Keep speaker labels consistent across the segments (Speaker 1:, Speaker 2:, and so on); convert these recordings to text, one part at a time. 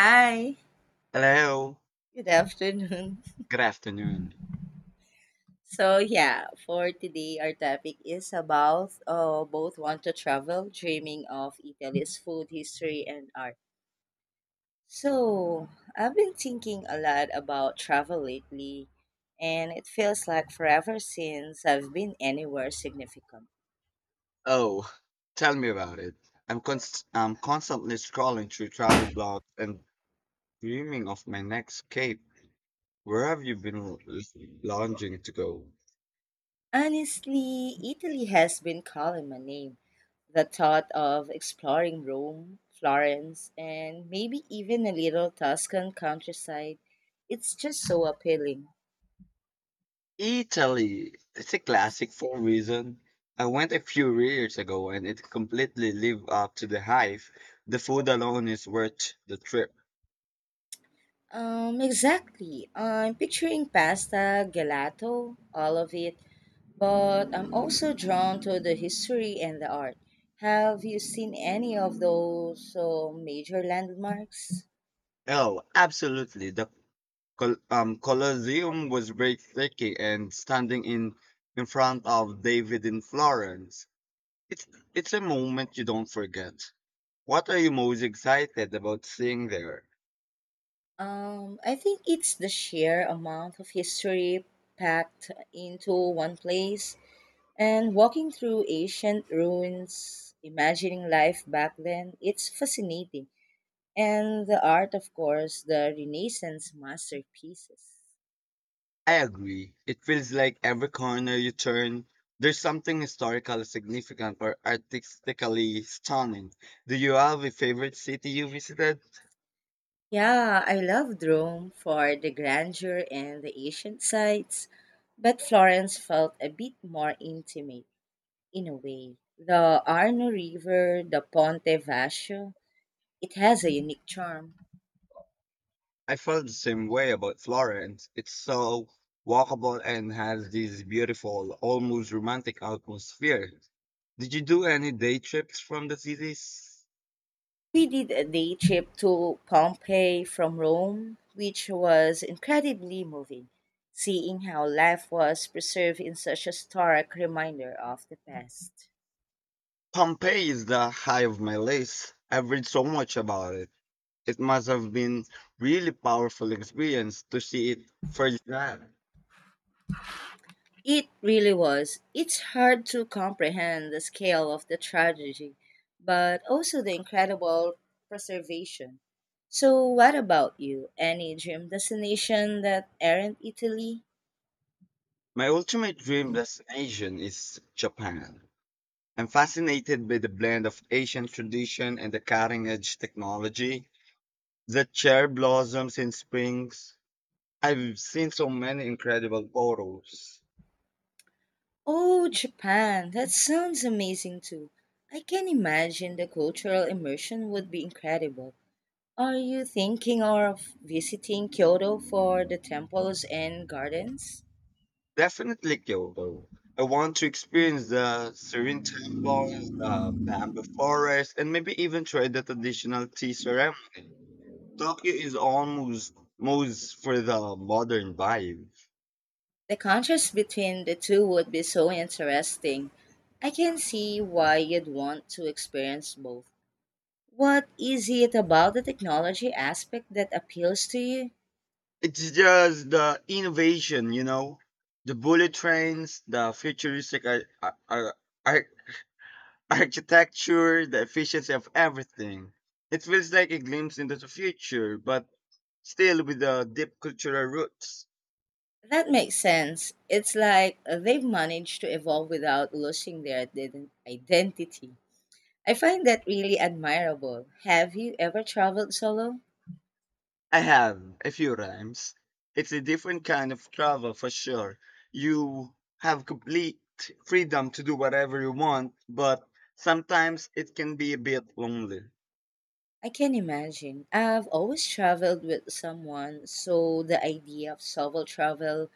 Speaker 1: Hi,
Speaker 2: Hello.
Speaker 1: good afternoon.
Speaker 2: Good afternoon.
Speaker 1: So yeah, for today our topic is about both want to travel, dreaming of Italy's food, history, and art. So I've been thinking a lot about travel lately, and it feels like forever since I've been anywhere significant.
Speaker 2: Oh, tell me about it. I'm constantly scrolling through travel blogs and dreaming of my next escape. Where have you been longing to go?
Speaker 1: Honestly, Italy has been calling my name. The thought of exploring Rome, Florence, and maybe even a little Tuscan countryside, it's just so appealing.
Speaker 2: Italy. It's a classic for a reason. I went a few years ago and it completely lived up to the hype. The food alone is worth the trip.
Speaker 1: Exactly. I'm picturing pasta, gelato, all of it, but I'm also drawn to the history and the art. Have you seen any of those major landmarks?
Speaker 2: Oh, absolutely. The Colosseum was very tricky and standing in front of David in Florence. It's it's a moment you don't forget. What are you most excited about seeing there?
Speaker 1: I think it's the sheer amount of history packed into one place. And walking through ancient ruins, imagining life back then, it's fascinating. And the art, of course, the Renaissance masterpieces.
Speaker 2: I agree. It feels like every corner you turn, there's something historical significant or artistically stunning. Do you have a favorite city you visited?
Speaker 1: Yeah, I loved Rome for the grandeur and the ancient sites, but Florence felt a bit more intimate in a way. The Arno River, the Ponte Vecchio, it has a unique charm.
Speaker 2: I felt the same way about Florence. It's so walkable and has this beautiful, almost romantic atmosphere. Did you do any day trips from the cities?
Speaker 1: We did a day trip to Pompeii from Rome, which was incredibly moving, seeing how life was preserved in such a stark reminder of the past.
Speaker 2: Pompeii is the high of my list. I've read so much about it. It must have been really powerful experience to see it firsthand.
Speaker 1: It really was. It's hard to comprehend the scale of the tragedy, but also the incredible preservation. So, what about you? Any dream destination that aren't Italy?
Speaker 2: My ultimate dream destination is Japan. I'm fascinated by the blend of Asian tradition and the cutting edge technology. The cherry blossoms in springs. I've seen so many incredible photos.
Speaker 1: Oh, Japan! That sounds amazing too. I can imagine the cultural immersion would be incredible. Are you thinking of visiting Kyoto for the temples and gardens?
Speaker 2: Definitely Kyoto. I want to experience the serene temples, the bamboo forest, and maybe even try the traditional tea ceremony. Tokyo is almost most for the modern vibe.
Speaker 1: The contrast between the two would be so interesting. I can see why you'd want to experience both. What is it about the technology aspect that appeals to you?
Speaker 2: It's just the innovation, you know, the bullet trains, the futuristic ar- ar- architecture, the efficiency of everything. It feels like a glimpse into the future, but still with the deep cultural roots.
Speaker 1: That makes sense. It's like they've managed to evolve without losing their identity. I find that really admirable. Have you ever traveled solo?
Speaker 2: I have a few rhymes. It's a different kind of travel for sure. You have complete freedom to do whatever you want, but sometimes it can be a bit lonely.
Speaker 1: I can imagine. I've always traveled with someone, so the idea of solo travel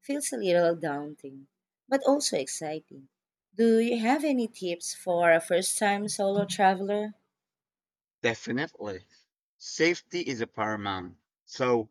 Speaker 1: feels a little daunting, but also exciting. Do you have any tips for a first time solo traveler?
Speaker 2: Definitely. Safety is a paramount. So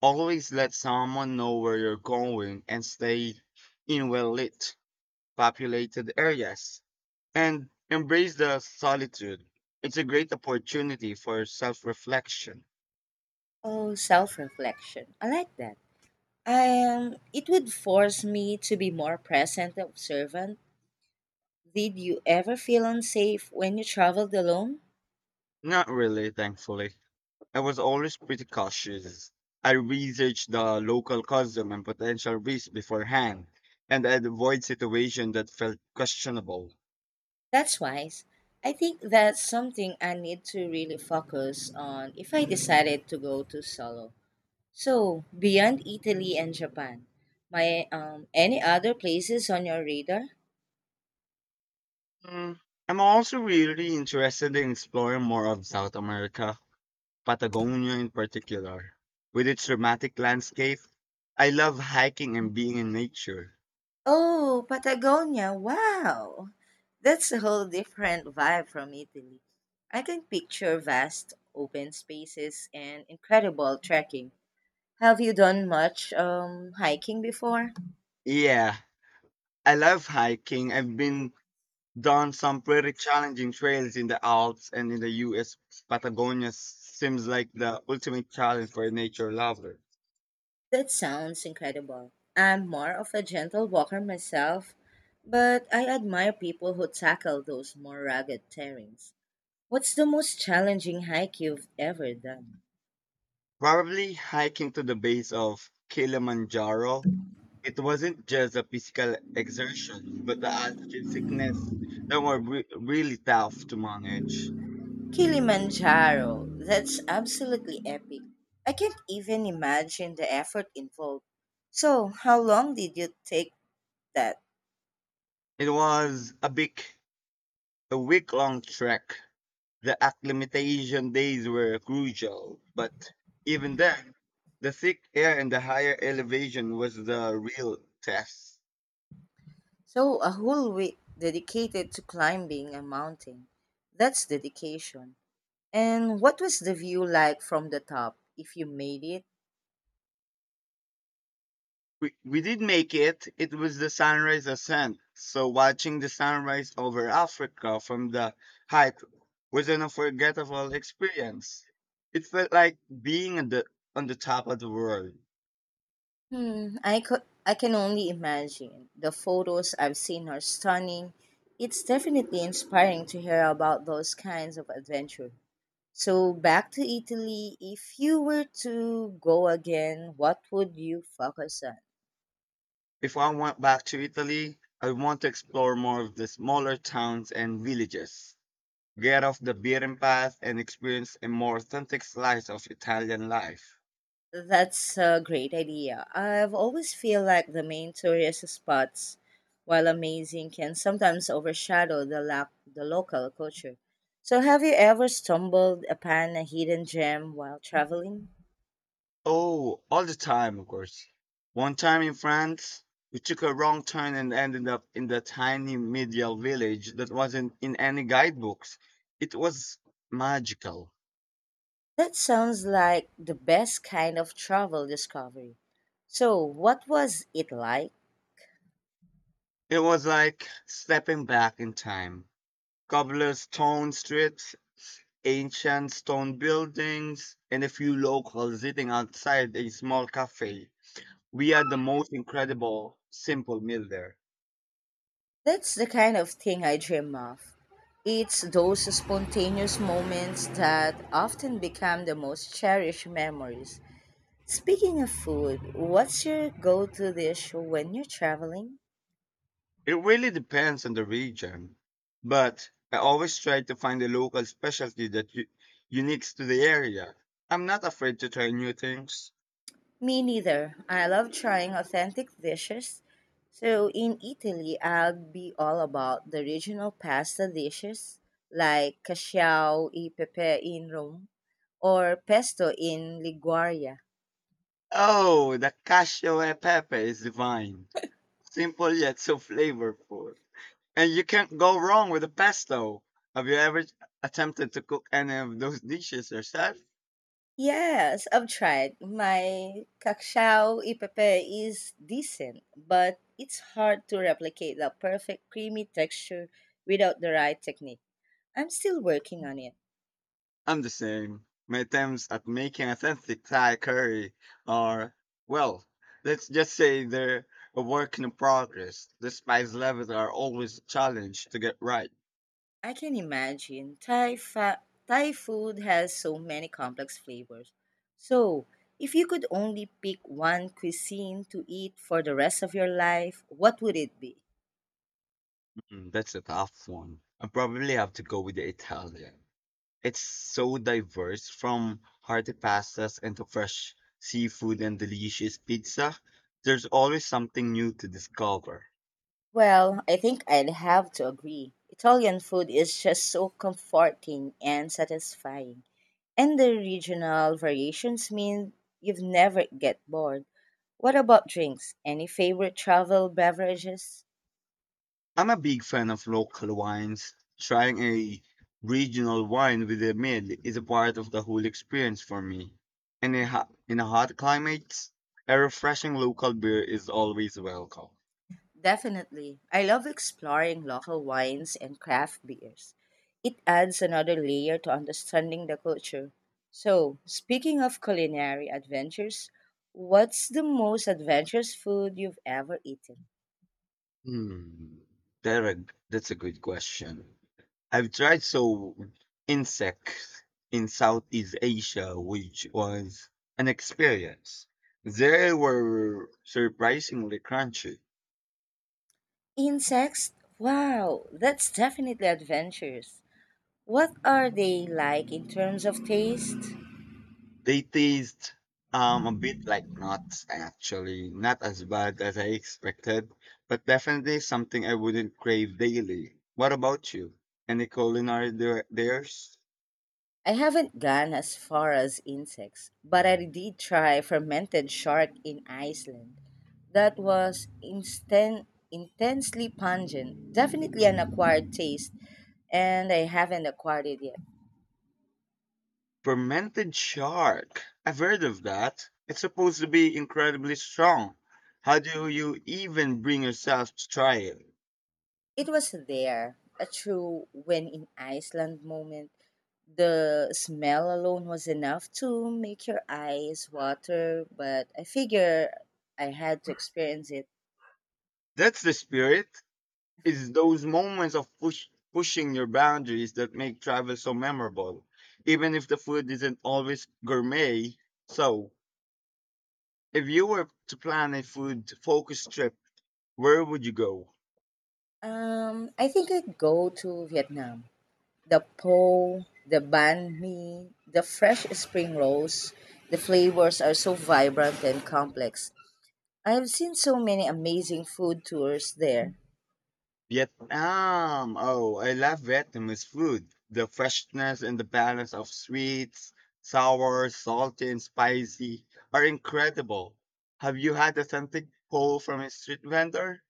Speaker 2: always let someone know where you're going and stay in well lit populated areas and embrace the solitude. It's a great opportunity for self reflection.
Speaker 1: Oh, self reflection. I like that. It would force me to be more present and observant. Did you ever feel unsafe when you traveled alone?
Speaker 2: Not really, thankfully. I was always pretty cautious. I researched the local custom and potential risks beforehand, and I'd avoid situations that felt questionable.
Speaker 1: That's wise. I think that's something I need to really focus on if I decided to go to solo. So, beyond Italy and Japan, my any other places on your radar?
Speaker 2: Mm, I'm also really interested in exploring more of South America, Patagonia in particular. With its dramatic landscape, I love hiking and being in nature.
Speaker 1: Oh, Patagonia. Wow. That's a whole different vibe from Italy. I can picture vast open spaces and incredible trekking. Have you done much hiking before?
Speaker 2: Yeah, I love hiking. I've been down some pretty challenging trails in the Alps and in the US. Patagonia seems like the ultimate challenge for a nature lover.
Speaker 1: That sounds incredible. I'm more of a gentle walker myself, but I admire people who tackle those more rugged terrains. What's the most challenging hike you've ever done?
Speaker 2: Probably hiking to the base of Kilimanjaro. It wasn't just a physical exertion, but the altitude sickness that were really tough to manage.
Speaker 1: Kilimanjaro, that's absolutely epic. I can't even imagine the effort involved. So, how long did you take that?
Speaker 2: It was a week-long trek. The acclimatization days were crucial, but even then, the thick air and the higher elevation was the real test.
Speaker 1: So, a whole week dedicated to climbing a mountain. That's dedication. And what was the view like from the top if you made it?
Speaker 2: We did make it. It was the sunrise ascent. So watching the sunrise over Africa from the height was an unforgettable experience. It felt like being on on the top of the world.
Speaker 1: Hmm, I can only imagine. The photos I've seen are stunning. It's definitely inspiring to hear about those kinds of adventure. So back to Italy, if you were to go again, what would you focus on?
Speaker 2: If I went back to Italy, I want to explore more of the smaller towns and villages. Get off the beaten path and experience a more authentic slice of Italian life.
Speaker 1: That's a great idea. I've always feel like the main tourist spots, while amazing, can sometimes overshadow the local culture. So have you ever stumbled upon a hidden gem while traveling?
Speaker 2: Oh, all the time, of course. One time in France, we took a wrong turn and ended up in the tiny medieval village that wasn't in any guidebooks. It was magical.
Speaker 1: That sounds like the best kind of travel discovery. So, what was it like?
Speaker 2: It was like stepping back in time. Cobblestone streets, ancient stone buildings, and a few locals sitting outside a small cafe. We had the most incredible simple meal there.
Speaker 1: That's the kind of thing I dream of. It's those spontaneous moments that often become the most cherished memories. Speaking of food, what's your go to dish when you're traveling?
Speaker 2: It really depends on the region, but I always try to find a local specialty that unique to the area. I'm not afraid to try new things.
Speaker 1: Me neither. I love trying authentic dishes. So in Italy, I'll be all about the regional pasta dishes like casciao e pepe in Rome or pesto in Liguria.
Speaker 2: Oh, the cashew e pepe is divine. Simple yet so flavorful. And you can't go wrong with the pesto. Have you ever attempted to cook any of those dishes yourself?
Speaker 1: Yes, I've tried. My cacao ipepe is decent, but it's hard to replicate the perfect creamy texture without the right technique. I'm still working on it.
Speaker 2: I'm the same. My attempts at making authentic Thai curry are, well, let's just say they're a work in progress. The spice levels are always a challenge to get right.
Speaker 1: I can imagine Thai food has so many complex flavors. So, if you could only pick one cuisine to eat for the rest of your life, what would it be?
Speaker 2: That's a tough one. I probably have to go with the Italian. It's so diverse from hearty pastas and to fresh seafood and delicious pizza. There's always something new to discover.
Speaker 1: Well, I think I'd have to agree. Italian food is just so comforting and satisfying. And the regional variations mean you've never get bored. What about drinks? Any favorite travel beverages?
Speaker 2: I'm a big fan of local wines. Trying a regional wine with a meal is a part of the whole experience for me. In in a hot climate, a refreshing local beer is always welcome.
Speaker 1: Definitely. I love exploring local wines and craft beers. It adds another layer to understanding the culture. So, speaking of culinary adventures, what's the most adventurous food you've ever eaten?
Speaker 2: Hmm, Derek, that's a good question. I've tried so insects in Southeast Asia, which was an experience. They were surprisingly crunchy.
Speaker 1: Insects? Wow, that's definitely adventurous. What are they like in terms of taste?
Speaker 2: They taste a bit like nuts actually, not as bad as I expected, but definitely something I wouldn't crave daily. What about you? Any culinary there's?
Speaker 1: I haven't gone as far as insects, but I did try fermented shark in Iceland. That was intensely pungent, definitely an acquired taste, and I haven't acquired it yet.
Speaker 2: Fermented shark. I've heard of that. It's supposed to be incredibly strong. How do you even bring yourself to try it?
Speaker 1: It was there, a true when in Iceland moment. The smell alone was enough to make your eyes water, but I figure I had to experience it.
Speaker 2: That's the spirit. It's those moments of pushing your boundaries that make travel so memorable, even if the food isn't always gourmet. So, if you were to plan a food focused trip, where would you go?
Speaker 1: I think I'd go to Vietnam. The po, the banh mi, the fresh spring rolls, the flavors are so vibrant and complex. I have seen so many amazing food tours there.
Speaker 2: Vietnam. Oh, I love Vietnamese food. The freshness and the balance of sweets, sour, salty, and spicy are incredible. Have you had authentic pho from a street vendor?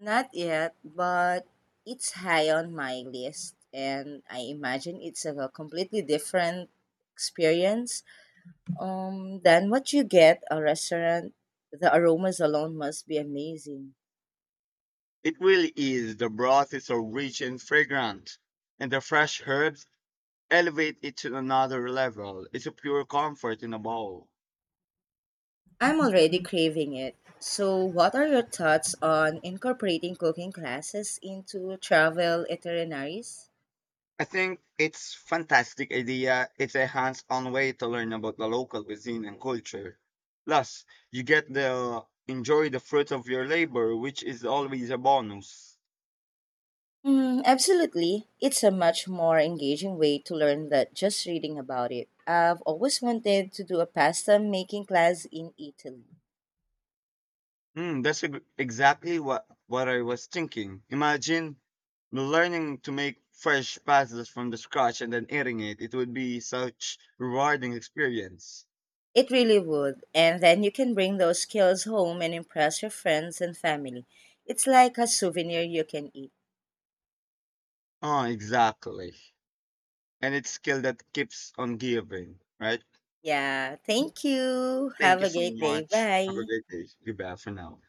Speaker 1: Not yet, but it's high on my list, and I imagine it's a completely different experience than what you get a restaurant. The aromas alone must be amazing.
Speaker 2: It really is. The broth is so rich and fragrant, and the fresh herbs elevate it to another level. It's a pure comfort in a bowl.
Speaker 1: I'm already craving it. So, what are your thoughts on incorporating cooking classes into travel itineraries?
Speaker 2: I think it's fantastic idea. It's a hands-on way to learn about the local cuisine and culture. Plus, you get the enjoy the fruit of your labor, which is always a bonus.
Speaker 1: Mm, absolutely. It's a much more engaging way to learn than just reading about it. I've always wanted to do a pasta making class in Italy.
Speaker 2: Hmm, that's exactly what I was thinking. Imagine learning to make fresh pastas from the scratch and then eating it. It would be such rewarding experience.
Speaker 1: It really would. And then you can bring those skills home and impress your friends and family. It's like a souvenir you can eat.
Speaker 2: Oh, exactly. And it's skill that keeps on giving, right?
Speaker 1: Yeah. Thank you.
Speaker 2: Thank
Speaker 1: Have
Speaker 2: you
Speaker 1: a
Speaker 2: so
Speaker 1: great day.
Speaker 2: much. Have a
Speaker 1: Bye.
Speaker 2: great day. Goodbye for now.